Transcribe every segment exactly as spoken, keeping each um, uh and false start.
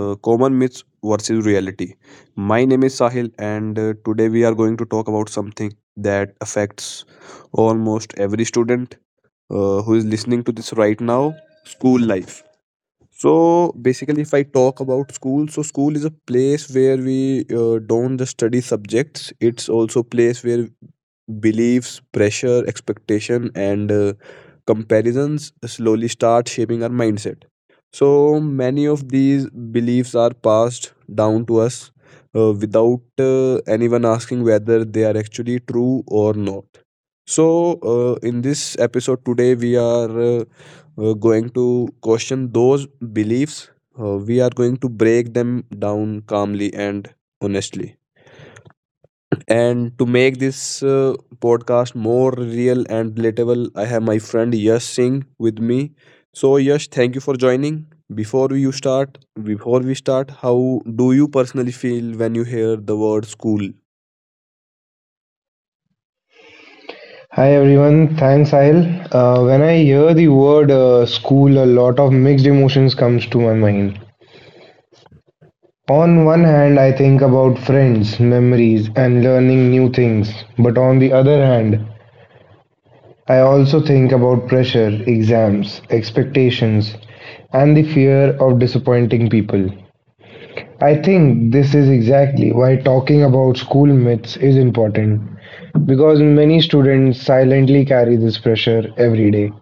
uh, Common Myths versus Reality. My name is Sahil, and uh, today we are going to talk about something that affects almost every student uh, who is listening to this right now, school life. So basically, if I talk about school, so school is a place where we uh, don't just study subjects. It's also a place where beliefs, pressure, expectation, and uh, comparisons slowly start shaping our mindset. So many of these beliefs are passed down to us uh, without uh, anyone asking whether they are actually true or not. So, uh, in this episode today, we are uh, we're going to question those beliefs. Uh, we are going to break them down calmly and honestly. And to make this uh, podcast more real and relatable, I have my friend Yash Singh with me. So, Yash, thank you for joining. Before you start, before we start, how do you personally feel when you hear the word school? Hi everyone, thanks Sahil. Uh, when I hear the word uh, school, a lot of mixed emotions comes to my mind. On one hand, I think about friends, memories, and learning new things. But on the other hand, I also think about pressure, exams, expectations, and the fear of disappointing people. I think this is exactly why talking about school myths is important because many students silently carry this pressure every day.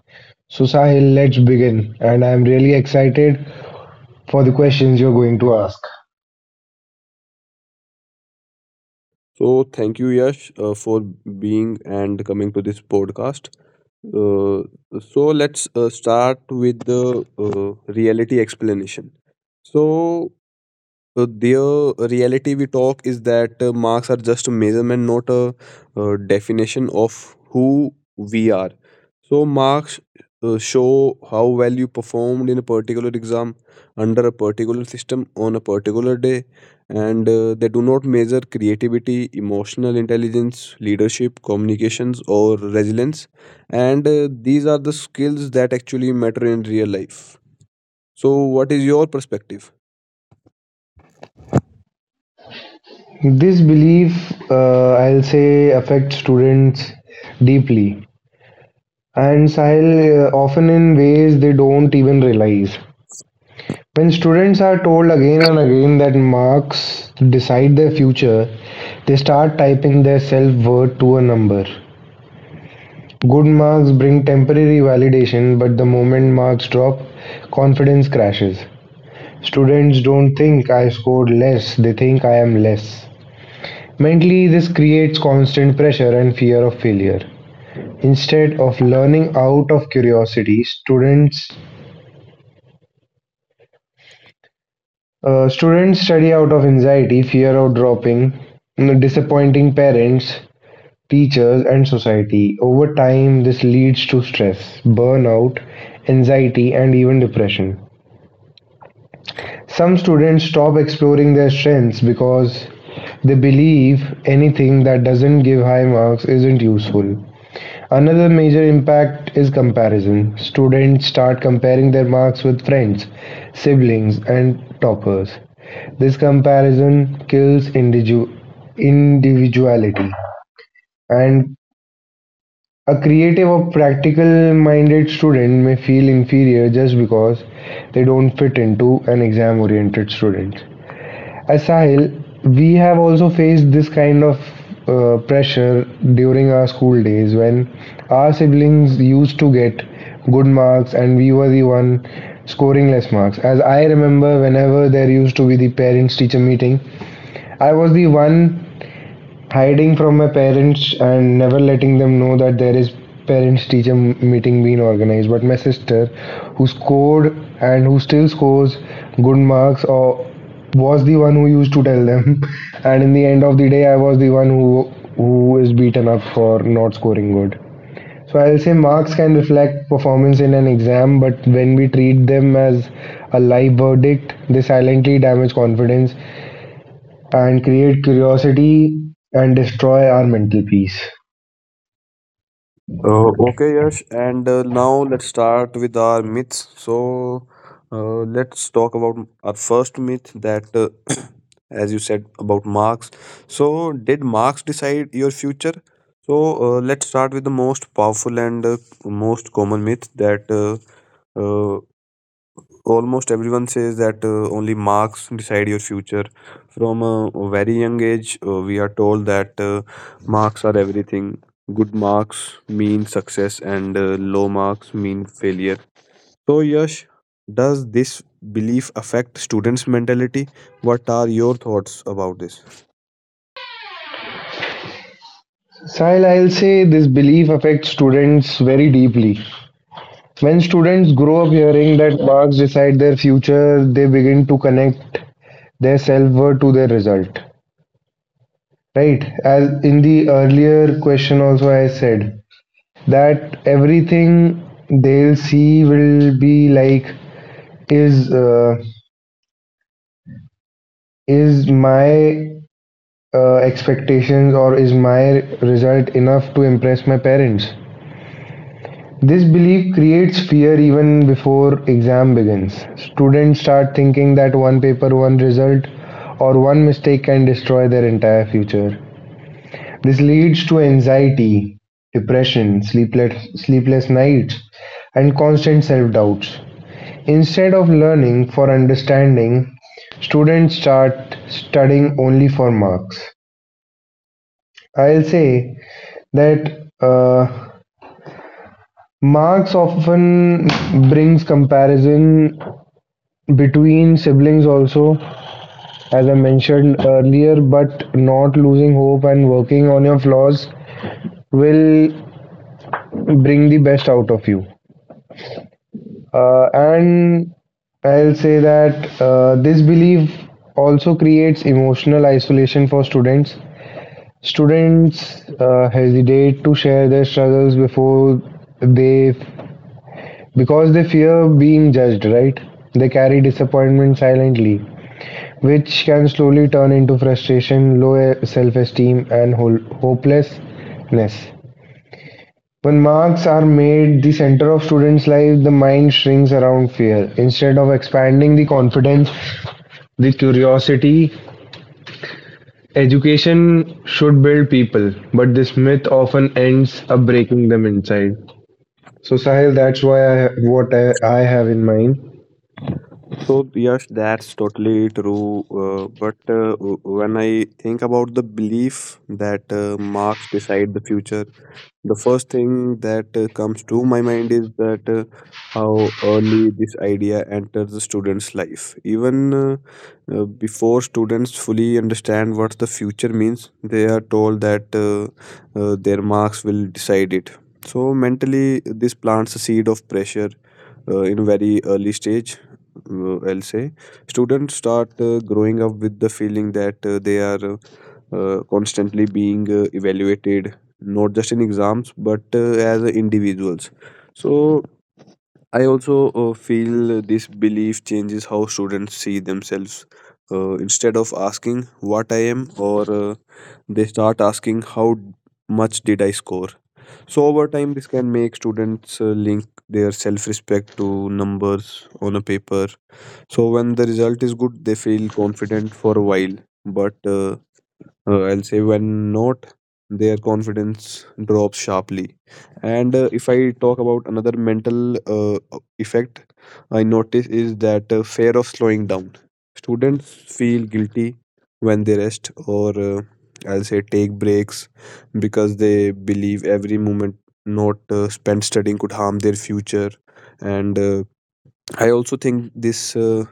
So, Sahil, let's begin. And I'm really excited for the questions you're going to ask. So, thank you, Yash, uh, for being and coming to this podcast. Uh, so let's uh, start with the uh, reality explanation. So so their reality we talk is that uh, marks are just a measurement, not a, uh definition of who we are. So marks uh, show how well you performed in a particular exam under a particular system on a particular day, and uh, they do not measure creativity, emotional intelligence, leadership, communications, or resilience. And uh, these are the skills that actually matter in real life. So, what is your perspective? This belief, uh, I'll say, affects students deeply. And Sahil, uh, often in ways they don't even realize. When students are told again and again that marks decide their future, they start typing their self worth to a number. Good marks bring temporary validation, but the moment marks drop, confidence crashes. Students don't think I scored less, they think I am less. Mentally, this creates constant pressure and fear of failure. Instead of learning out of curiosity, students uh, students study out of anxiety, fear of dropping, mm, disappointing parents, teachers, and society. Over time, this leads to stress, burnout, anxiety, and even depression. Some students stop exploring their strengths because they believe anything that doesn't give high marks isn't useful. Another major impact is comparison. Students start comparing their marks with friends, siblings, and toppers. This comparison kills individu- individuality, and a creative or practical minded student may feel inferior just because they don't fit into an exam oriented student. As Sahil, we have also faced this kind of uh, pressure during our school days when our siblings used to get good marks and we were the one scoring less marks. As I remember, whenever there used to be the parents teacher meeting, I was the one hiding from my parents and never letting them know that there is parents teacher meeting being organized, but my sister who scored and who still scores good marks or was the one who used to tell them and in the end of the day, I was the one who who is beaten up for not scoring good. So I'll say marks can reflect performance in an exam, but when we treat them as a live verdict, they silently damage confidence and create curiosity and destroy our mental peace. Uh, okay, Yash, and uh, now let's start with our myths. So, uh, let's talk about our first myth that, uh, as you said, about Marx. So, did Marx decide your future? So, uh, let's start with the most powerful and uh, most common myth that uh, uh, almost everyone says, that uh, only marks decide your future. From a very young age uh, we are told that uh, marks are everything, good marks mean success and uh, low marks mean failure. So Yash, does this belief affect students' mentality? What are your thoughts about this? Sahil, I'll say this belief affects students very deeply. When students grow up hearing that marks decide their future, they begin to connect their self worth to their result. Right? As in the earlier question, also I said that everything they'll see will be like, is uh, is my uh, expectations or is my result enough to impress my parents? This belief creates fear even before exam begins. Students start thinking that one paper, one result, or one mistake can destroy their entire future. This leads to anxiety, depression, sleepless, sleepless nights, and constant self doubts. Instead of learning for understanding, students start studying only for marks. I'll say that uh, Marx often brings comparison between siblings also, as I mentioned earlier, but not losing hope and working on your flaws will bring the best out of you. Uh, and I'll say that uh, this belief also creates emotional isolation for students. Students uh, hesitate to share their struggles before they. Because they fear being judged, right? They carry disappointment silently, which can slowly turn into frustration, low self esteem, and hol- hopelessness. When marks are made the center of students' lives, the mind shrinks around fear. Instead of expanding the confidence, the curiosity, education should build people, but this myth often ends up breaking them inside. So, Sahil, that's why I, what I, I have in mind. So Yash, that's totally true. Uh, but uh, w- when I think about the belief that uh, marks decide the future, the first thing that uh, comes to my mind is that uh, how early this idea enters the student's life. Even uh, uh, before students fully understand what the future means, they are told that uh, uh, their marks will decide it. So mentally, this plants a seed of pressure uh, in a very early stage. Uh, I'll say students start uh, growing up with the feeling that uh, they are uh, uh, constantly being uh, evaluated, not just in exams but uh, as individuals. So I also uh, feel this belief changes how students see themselves. Uh, instead of asking what I am or uh, they start asking how much did I score. So over time, this can make students uh, link their self respect to numbers on a paper. So when the result is good, they feel confident for a while, but uh, uh, I'll say when not, their confidence drops sharply. And uh, if I talk about another mental uh, effect I notice, is that uh, fear of slowing down. Students feel guilty when they rest or uh, I'll say take breaks, because they believe every moment not uh, spent studying could harm their future. And uh, I also think this uh,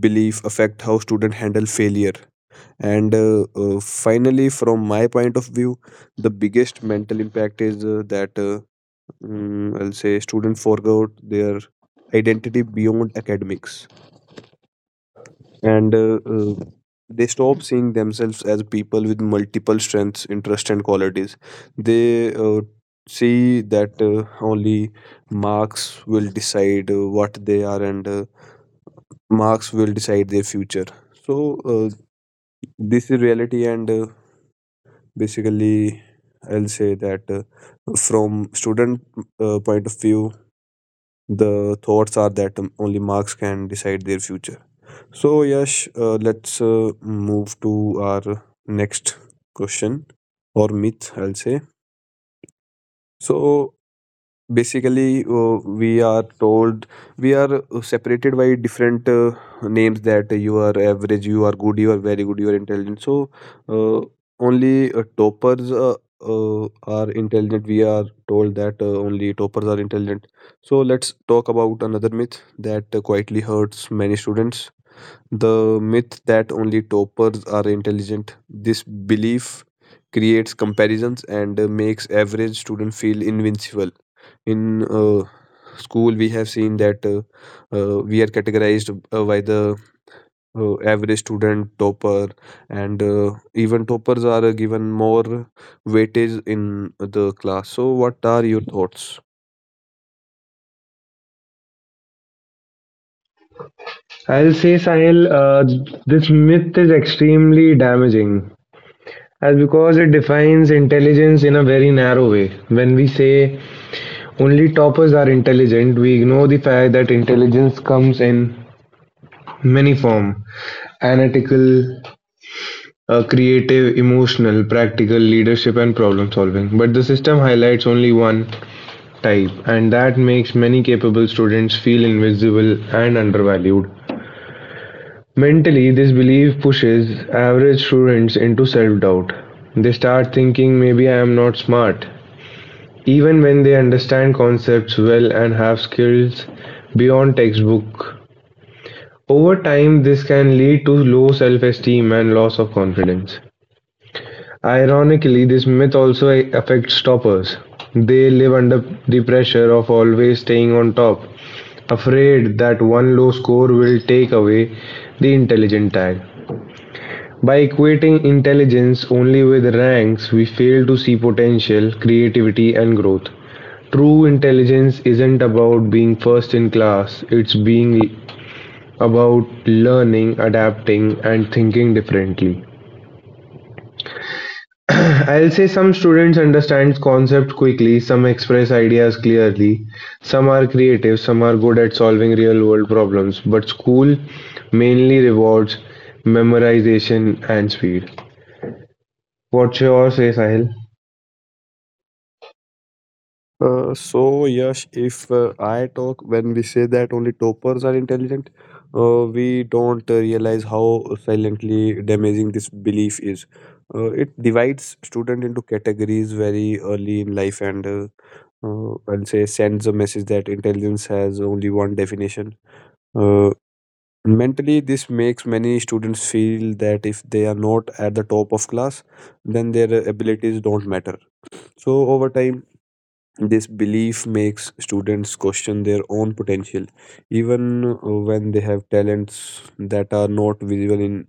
belief affect how students handle failure. And uh, uh, finally, from my point of view, the biggest mental impact is uh, that uh, mm, I'll say students forgot their identity beyond academics, and uh, uh, they stop seeing themselves as people with multiple strengths, interests, and qualities. They uh, see that uh, only marks will decide uh, what they are, and uh, marks will decide their future. So uh, this is reality, and uh, basically I'll say that uh, from student uh, point of view, the thoughts are that um, only marks can decide their future. So Yash, uh, let's uh, move to our next question or myth, I'll say. So basically uh, we are told, we are uh, separated by different uh, names, that you are average, you are good, you are very good, you are intelligent. So uh, only uh, toppers uh, uh, are intelligent, we are told that uh, only toppers are intelligent. So let's talk about another myth that uh, quietly hurts many students, the myth that only toppers are intelligent. This belief creates comparisons and uh, makes average student feel invincible. In uh, school, we have seen that uh, uh, we are categorized uh, by the uh, average student, topper, and uh, even toppers are uh, given more weightage in the class. So, what are your thoughts? I'll say, Sahil, uh, this myth is extremely damaging as because it defines intelligence in a very narrow way. When we say only toppers are intelligent, we ignore the fact that intelligence comes in many form analytical, uh, creative, emotional, practical, leadership, and problem solving. But the system highlights only one type, and that makes many capable students feel invisible and undervalued. Mentally, this belief pushes average students into self-doubt. They start thinking maybe I am not smart, even when they understand concepts well and have skills beyond textbook. Over time, this can lead to low self-esteem and loss of confidence. Ironically, this myth also affects toppers. They live under the pressure of always staying on top, afraid that one low score will take away the intelligent tag. By equating intelligence only with ranks, we fail to see potential, creativity and growth. True intelligence isn't about being first in class, it's being about learning, adapting and thinking differently. I'll say some students understand concepts quickly, some express ideas clearly, some are creative, some are good at solving real world problems, but school mainly rewards memorization and speed. What's your say, Sahil? Uh, so Yash, if uh, I talk when we say that only toppers are intelligent, uh, we don't uh, realize how silently damaging this belief is. Uh, it divides student into categories very early in life, and uh, uh, I'll say sends a message that intelligence has only one definition. Uh, mentally, this makes many students feel that if they are not at the top of class, then their abilities don't matter. So over time, this belief makes students question their own potential, even uh, when they have talents that are not visible in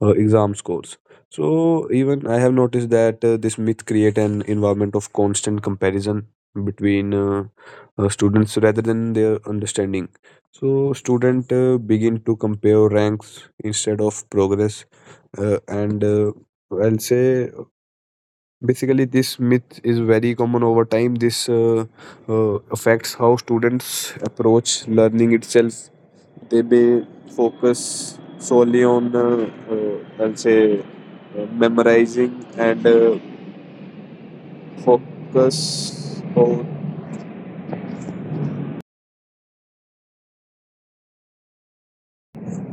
uh, exam scores. So, even I have noticed that uh, this myth create an environment of constant comparison between uh, uh, students rather than their understanding. So, student uh, begin to compare ranks instead of progress, uh, and uh, I'll say basically this myth is very common. Over time, this uh, uh, affects how students approach learning itself. They may focus solely on uh, uh, I'll say uh, memorizing and uh, focus on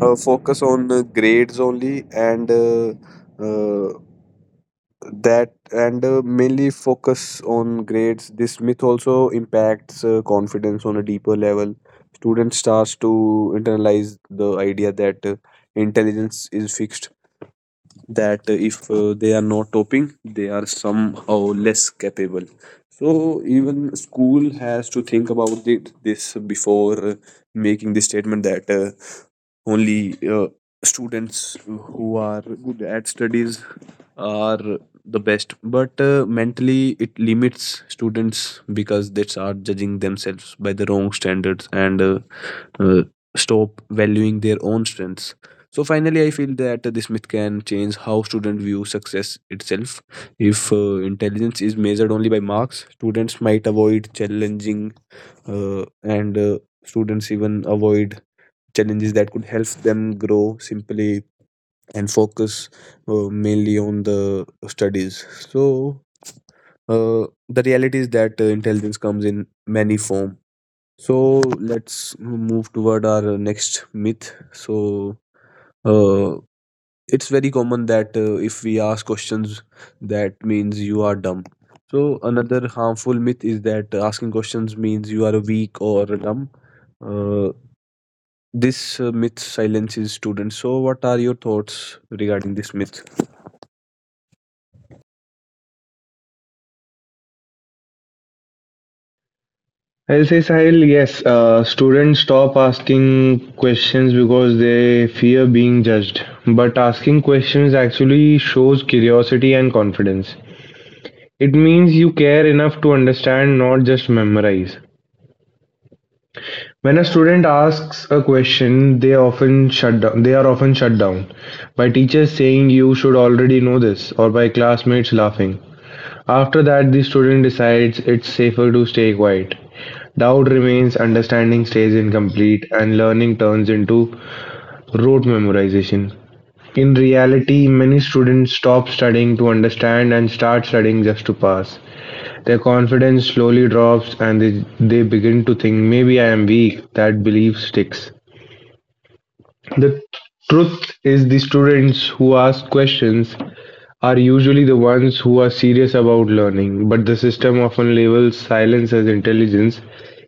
uh, focus on uh, grades only, and uh, uh, that and uh, mainly focus on grades. This myth also impacts uh, confidence on a deeper level. Students starts to internalize the idea that uh, intelligence is fixed, that uh, if uh, they are not topping, they are somehow less capable. So even school has to think about it, this before uh, making the statement that uh, only uh, students who are good at studies are the best, but uh, mentally it limits students because they start judging themselves by the wrong standards and uh, uh, stop valuing their own strengths. So finally, I feel that this myth can change how students view success itself. If uh, intelligence is measured only by marks, students might avoid challenging uh, and uh, students even avoid challenges that could help them grow simply and focus uh, mainly on the studies. So uh, the reality is that uh, intelligence comes in many form. So let's move toward our next myth. So uh, it's very common that uh, if we ask questions, that means you are dumb. So another harmful myth is that asking questions means you are weak or dumb. Uh, this uh, myth silences students. So what are your thoughts regarding this myth? I'll say Sahil, yes, uh, students stop asking questions because they fear being judged. But asking questions actually shows curiosity and confidence. It means you care enough to understand, not just memorize. When a student asks a question, they often shut down. They are often shut down by teachers saying you should already know this, or by classmates laughing. After that, the student decides it's safer to stay quiet. Doubt remains, understanding stays incomplete, and learning turns into rote memorization. In reality, many students stop studying to understand and start studying just to pass. Their confidence slowly drops and they, they begin to think, maybe I am weak. That belief sticks. The truth is, the students who ask questions are usually the ones who are serious about learning, but the system often labels silence as intelligence,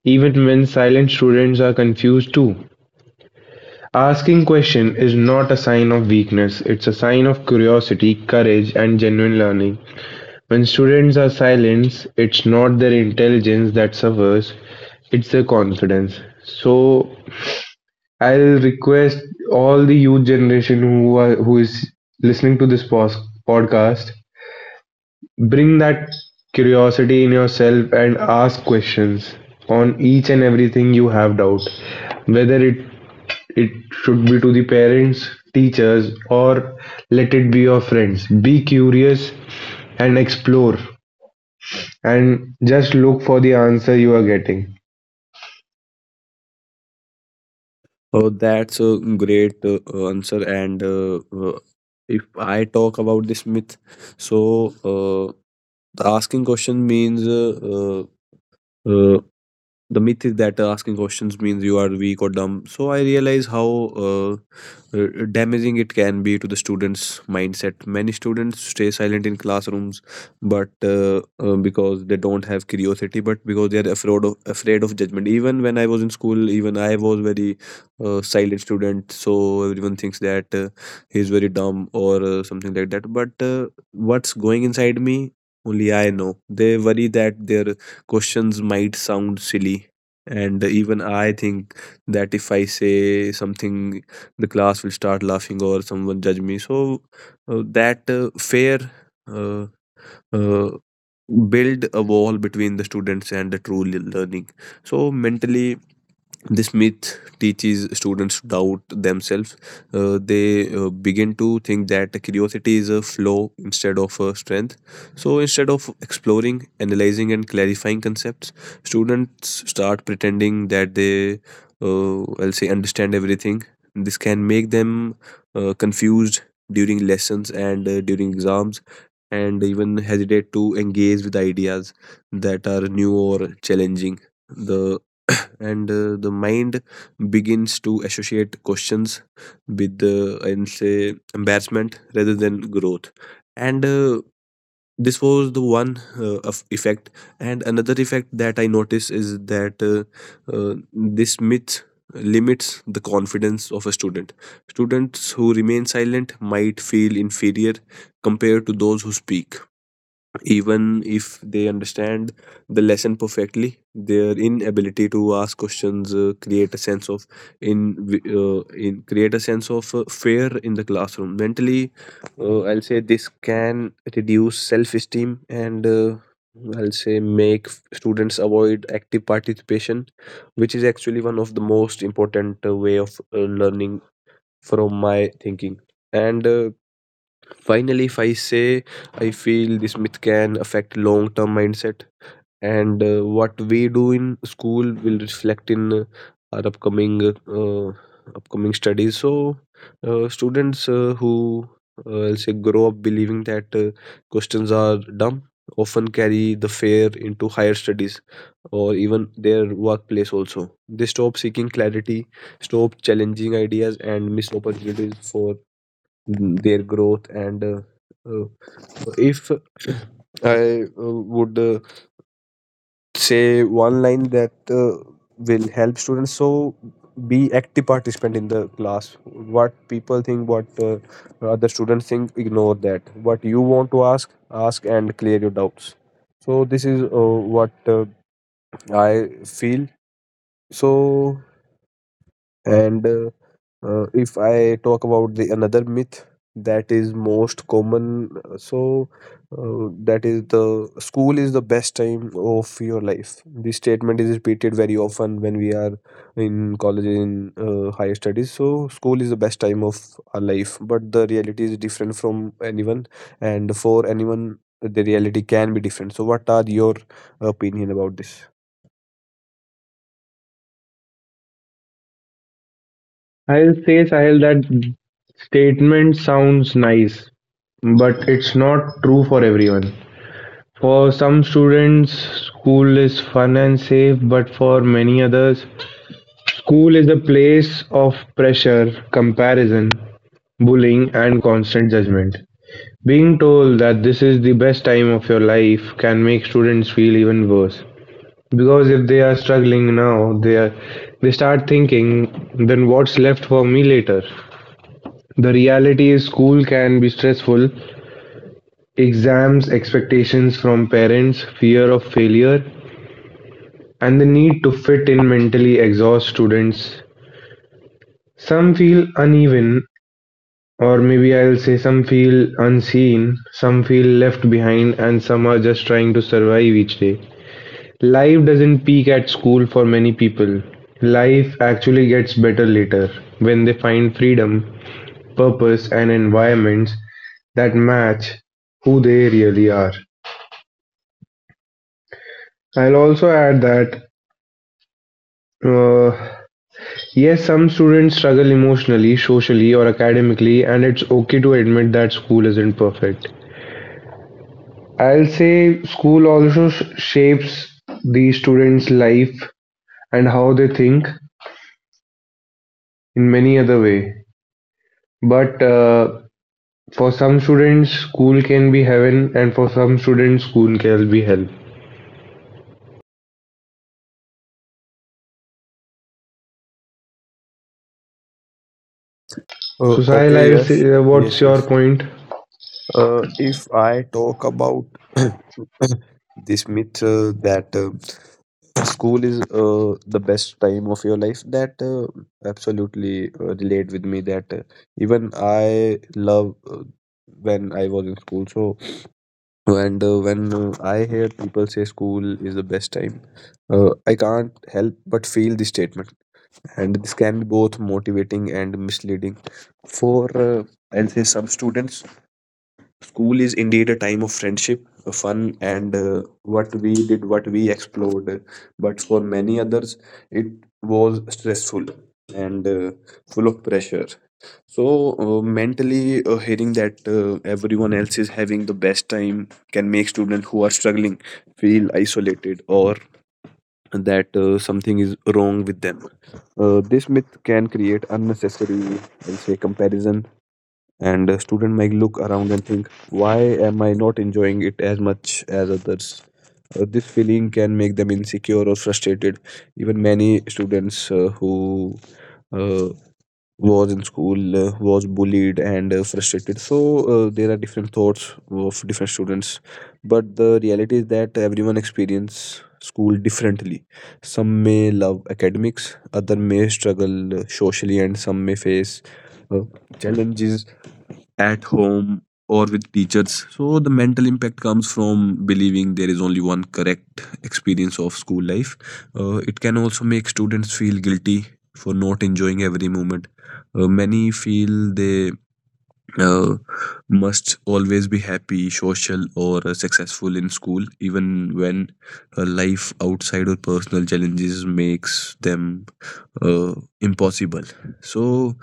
even when silent students are confused too. Asking question is not a sign of weakness, it's a sign of curiosity, courage and genuine learning. When students are silent, it's not their intelligence that suffers, it's their confidence. So I'll request all the youth generation who are who is listening to this pos- podcast. Bring that curiosity in yourself and ask questions on each and everything you have doubt, whether it it should be to the parents, teachers, or let it be your friends. Be curious and explore and just look for the answer you are getting. Oh, that's a great uh, answer. And uh, uh, if I talk about this myth, so uh, the asking question means uh, uh, uh, the myth is that uh, asking questions means you are weak or dumb. So I realize how uh, uh, damaging it can be to the students' mindset. Many students stay silent in classrooms, but uh, uh, because they don't have curiosity, but because they are afraid of afraid of judgment. Even when I was in school, even I was very uh, silent student. So everyone thinks that uh, he is very dumb or uh, something like that. But uh, what's going inside me? Only I know. They worry that their questions might sound silly. And even I think that if I say something, the class will start laughing or someone judge me. So uh, that uh, fair uh, uh, build a wall between the students and the true le- learning. So mentally, this myth teaches students to doubt themselves. Uh, they uh, begin to think that curiosity is a flaw instead of a strength. So instead of exploring, analyzing, and clarifying concepts, students start pretending that they, uh, I'll say, understand everything. This can make them uh, confused during lessons and uh, during exams, and even hesitate to engage with ideas that are new or challenging. The and uh, the mind begins to associate questions with uh, and say embarrassment rather than growth, and uh, this was the one uh, of effect. And another effect that I notice is that uh, uh, this myth limits the confidence of a student students who remain silent might feel inferior compared to those who speak, even if they understand the lesson perfectly. Their inability to ask questions uh, create a sense of in, uh, in create a sense of uh, fear in the classroom. Mentally, uh, I'll say this can reduce self esteem, and uh, I'll say make f- students avoid active participation, which is actually one of the most important uh, way of uh, learning, from my thinking. And uh, finally, if I say, I feel this myth can affect long term mindset, and uh, what we do in school will reflect in uh, our upcoming uh, upcoming studies. So, uh, students uh, who uh, I'll say grow up believing that uh, questions are dumb often carry the fear into higher studies or even their workplace. Also, they stop seeking clarity, stop challenging ideas, and miss opportunities for their growth. And uh, uh, if I uh, would uh, say one line that uh, will help students, so be active participant in the class. What people think, what uh, other students think, ignore that. What you want to ask, ask, and clear your doubts. So this is uh, what uh, I feel. So and uh, Uh, if I talk about the another myth that is most common, uh, so uh, that is, the school is the best time of your life. This statement is repeated very often when we are in college, in uh, higher studies. So, school is the best time of our life, but the reality is different from anyone, and for anyone the reality can be different. So what are your opinion about this? I'll say, Sahil, that statement sounds nice, but it's not true for everyone. For some students, school is fun and safe, but for many others, school is a place of pressure, comparison, bullying, and constant judgment. Being told that this is the best time of your life can make students feel even worse. Because if they are struggling now, they are, they start thinking, then what's left for me later? The reality is school can be stressful. Exams, expectations from parents, fear of failure, and the need to fit in mentally exhausts students. Some feel uneven, or maybe I'll say some feel unseen, some feel left behind, and some are just trying to survive each day. Life doesn't peak at school for many people. Life actually gets better later when they find freedom, purpose, and environments that match who they really are. I'll also add that uh, yes, some students struggle emotionally, socially, or academically, and it's okay to admit that school isn't perfect. I'll say school also sh- shapes the students' life and how they think in many other way. But uh, for some students, school can be heaven, and for some students, school can be hell. Uh, So, Sahil, Okay, I'll say, yes, uh, what's yes, your yes. point? Uh, if I talk about this myth uh, that uh, school is uh, the best time of your life, that uh, absolutely uh, relate with me. That uh, even I love uh, when I was in school. So and uh, when uh, I hear people say school is the best time, uh, I can't help but feel this statement. And this can be both motivating and misleading for uh, I'll say some students. School is indeed a time of friendship, uh, fun, and uh, what we did, what we explored. But for many others, it was stressful and uh, full of pressure. So, uh, mentally, uh, hearing that uh, everyone else is having the best time can make students who are struggling feel isolated, or that uh, something is wrong with them. Uh, this myth can create unnecessary, I'll say, comparison, and a student might look around and think, why am I not enjoying it as much as others? Uh, this feeling can make them insecure or frustrated. Even many students uh, who uh, was in school uh, was bullied and uh, frustrated. So uh, there are different thoughts of different students, but the reality is that everyone experience school differently. Some may love academics, other may struggle uh, socially, and some may face uh, challenges at home or with teachers. So the mental impact comes from believing there is only one correct experience of school life. Uh, it can also make students feel guilty for not enjoying every moment. Uh, many feel they uh, must always be happy, social, or uh, successful in school, even when uh, life outside or personal challenges makes them uh, impossible. So,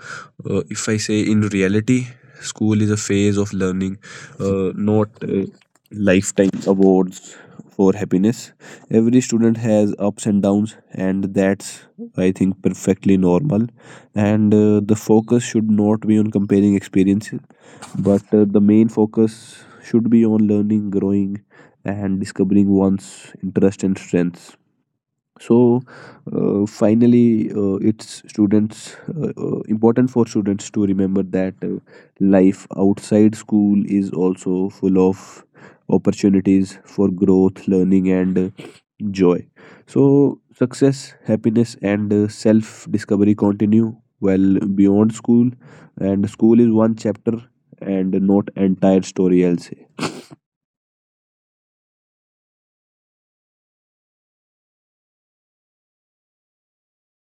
uh, if I say, in reality, school is a phase of learning, uh, not uh, lifetime awards for happiness. Every student has ups and downs, and that's, I think, perfectly normal. And uh, the focus should not be on comparing experiences, but uh, the main focus should be on learning, growing, and discovering one's interest and strengths. So uh, finally, uh, it's students uh, uh, important for students to remember that uh, life outside school is also full of opportunities for growth, learning, and uh, joy. So success, happiness, and uh, self discovery continue well beyond school, and school is one chapter and not entire story, I'll say.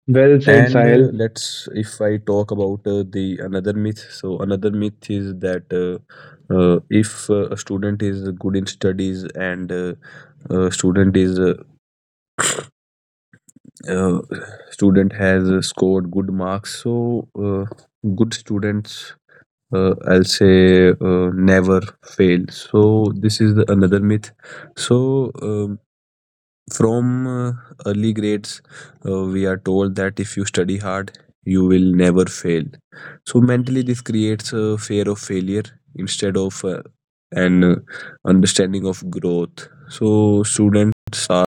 Well said, And uh, Sahil. let's, if I talk about uh, the another myth, so another myth is that uh, uh, if uh, a student is good in studies, and uh, uh, student is uh, uh, student has uh, scored good marks, so uh, good students, uh, I'll say, uh, never fail. So this is the another myth. So um, from uh, early grades, uh, we are told that if you study hard, you will never fail. So mentally, this creates a fear of failure instead of uh, an uh, understanding of growth. So students are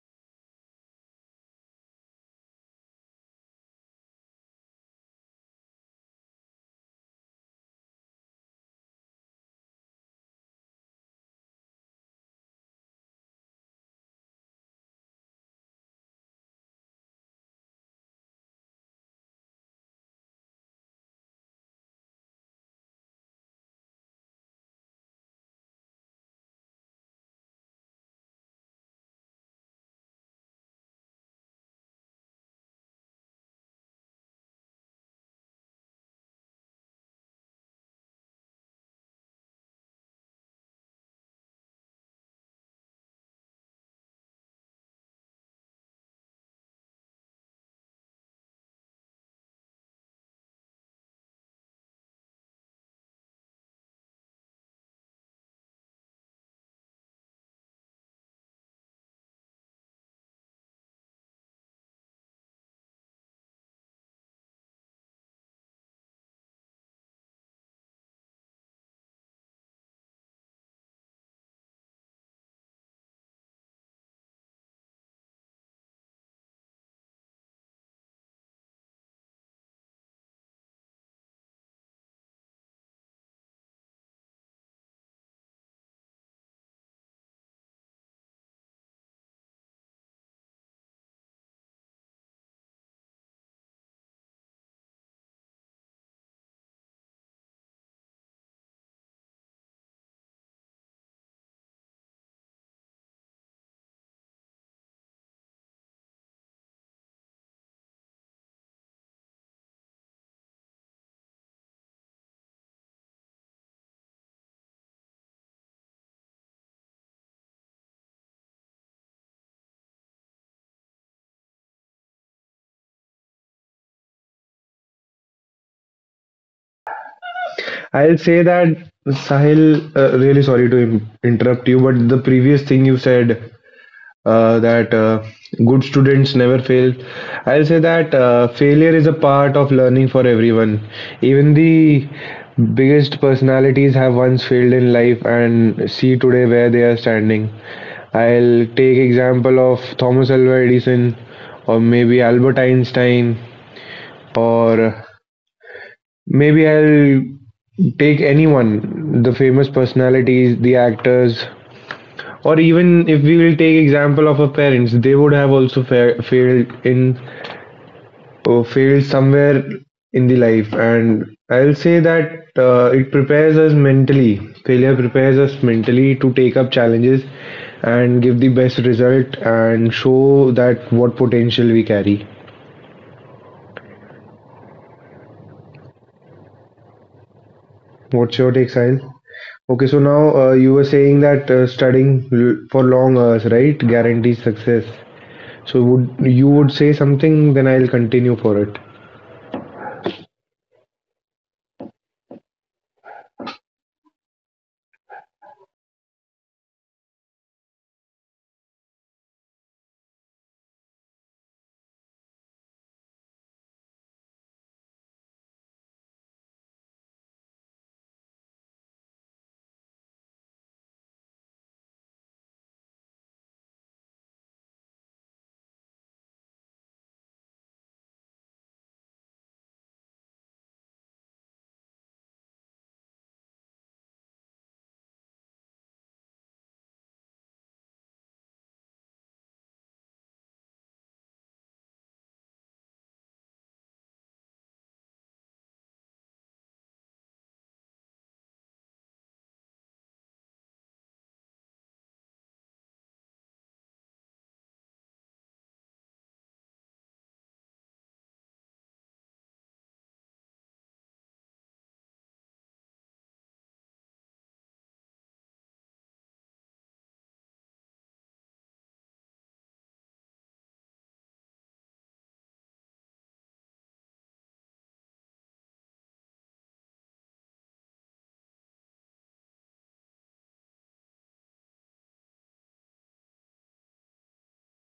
I'll say that, Sahil, uh, really sorry to im- interrupt you, but the previous thing you said uh, that uh, good students never fail. I'll say that uh, failure is a part of learning for everyone. Even the biggest personalities have once failed in life and see today where they are standing. I'll take example of Thomas Alva Edison or maybe Albert Einstein or maybe I'll take anyone, the famous personalities, the actors, or even if we will take example of our parents, they would have also fa- failed in uh, failed somewhere in the life, and I'll say that uh, it prepares us mentally. Failure prepares us mentally to take up challenges and give the best result and show that what potential we carry. What's your take, Sahil? Okay, so now uh, you were saying that uh, studying l- for long hours, right, guarantees success. So would you would say something, then I'll continue for it.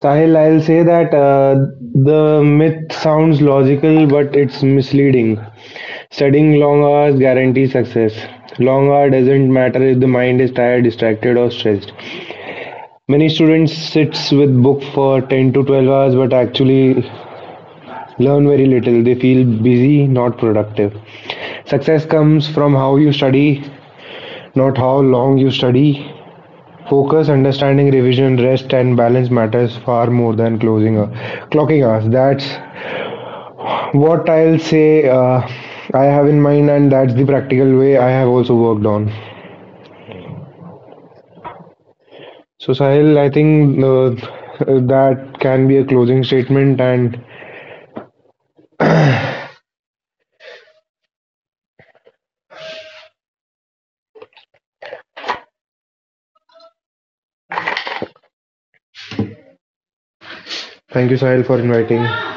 Sahil, I'll say that uh, the myth sounds logical, but it's misleading. Studying long hours guarantees success. Long hour doesn't matter if the mind is tired, distracted, or stressed. Many students sits with book for ten to twelve hours, but actually learn very little. They feel busy, not productive. Success comes from how you study, not how long you study. Focus, understanding, revision, rest, and balance matters far more than closing a clocking hours. That's what I'll say uh, I have in mind, and that's the practical way I have also worked on. So, Sahil, I think uh, that can be a closing statement, and thank you, Sahil, for inviting.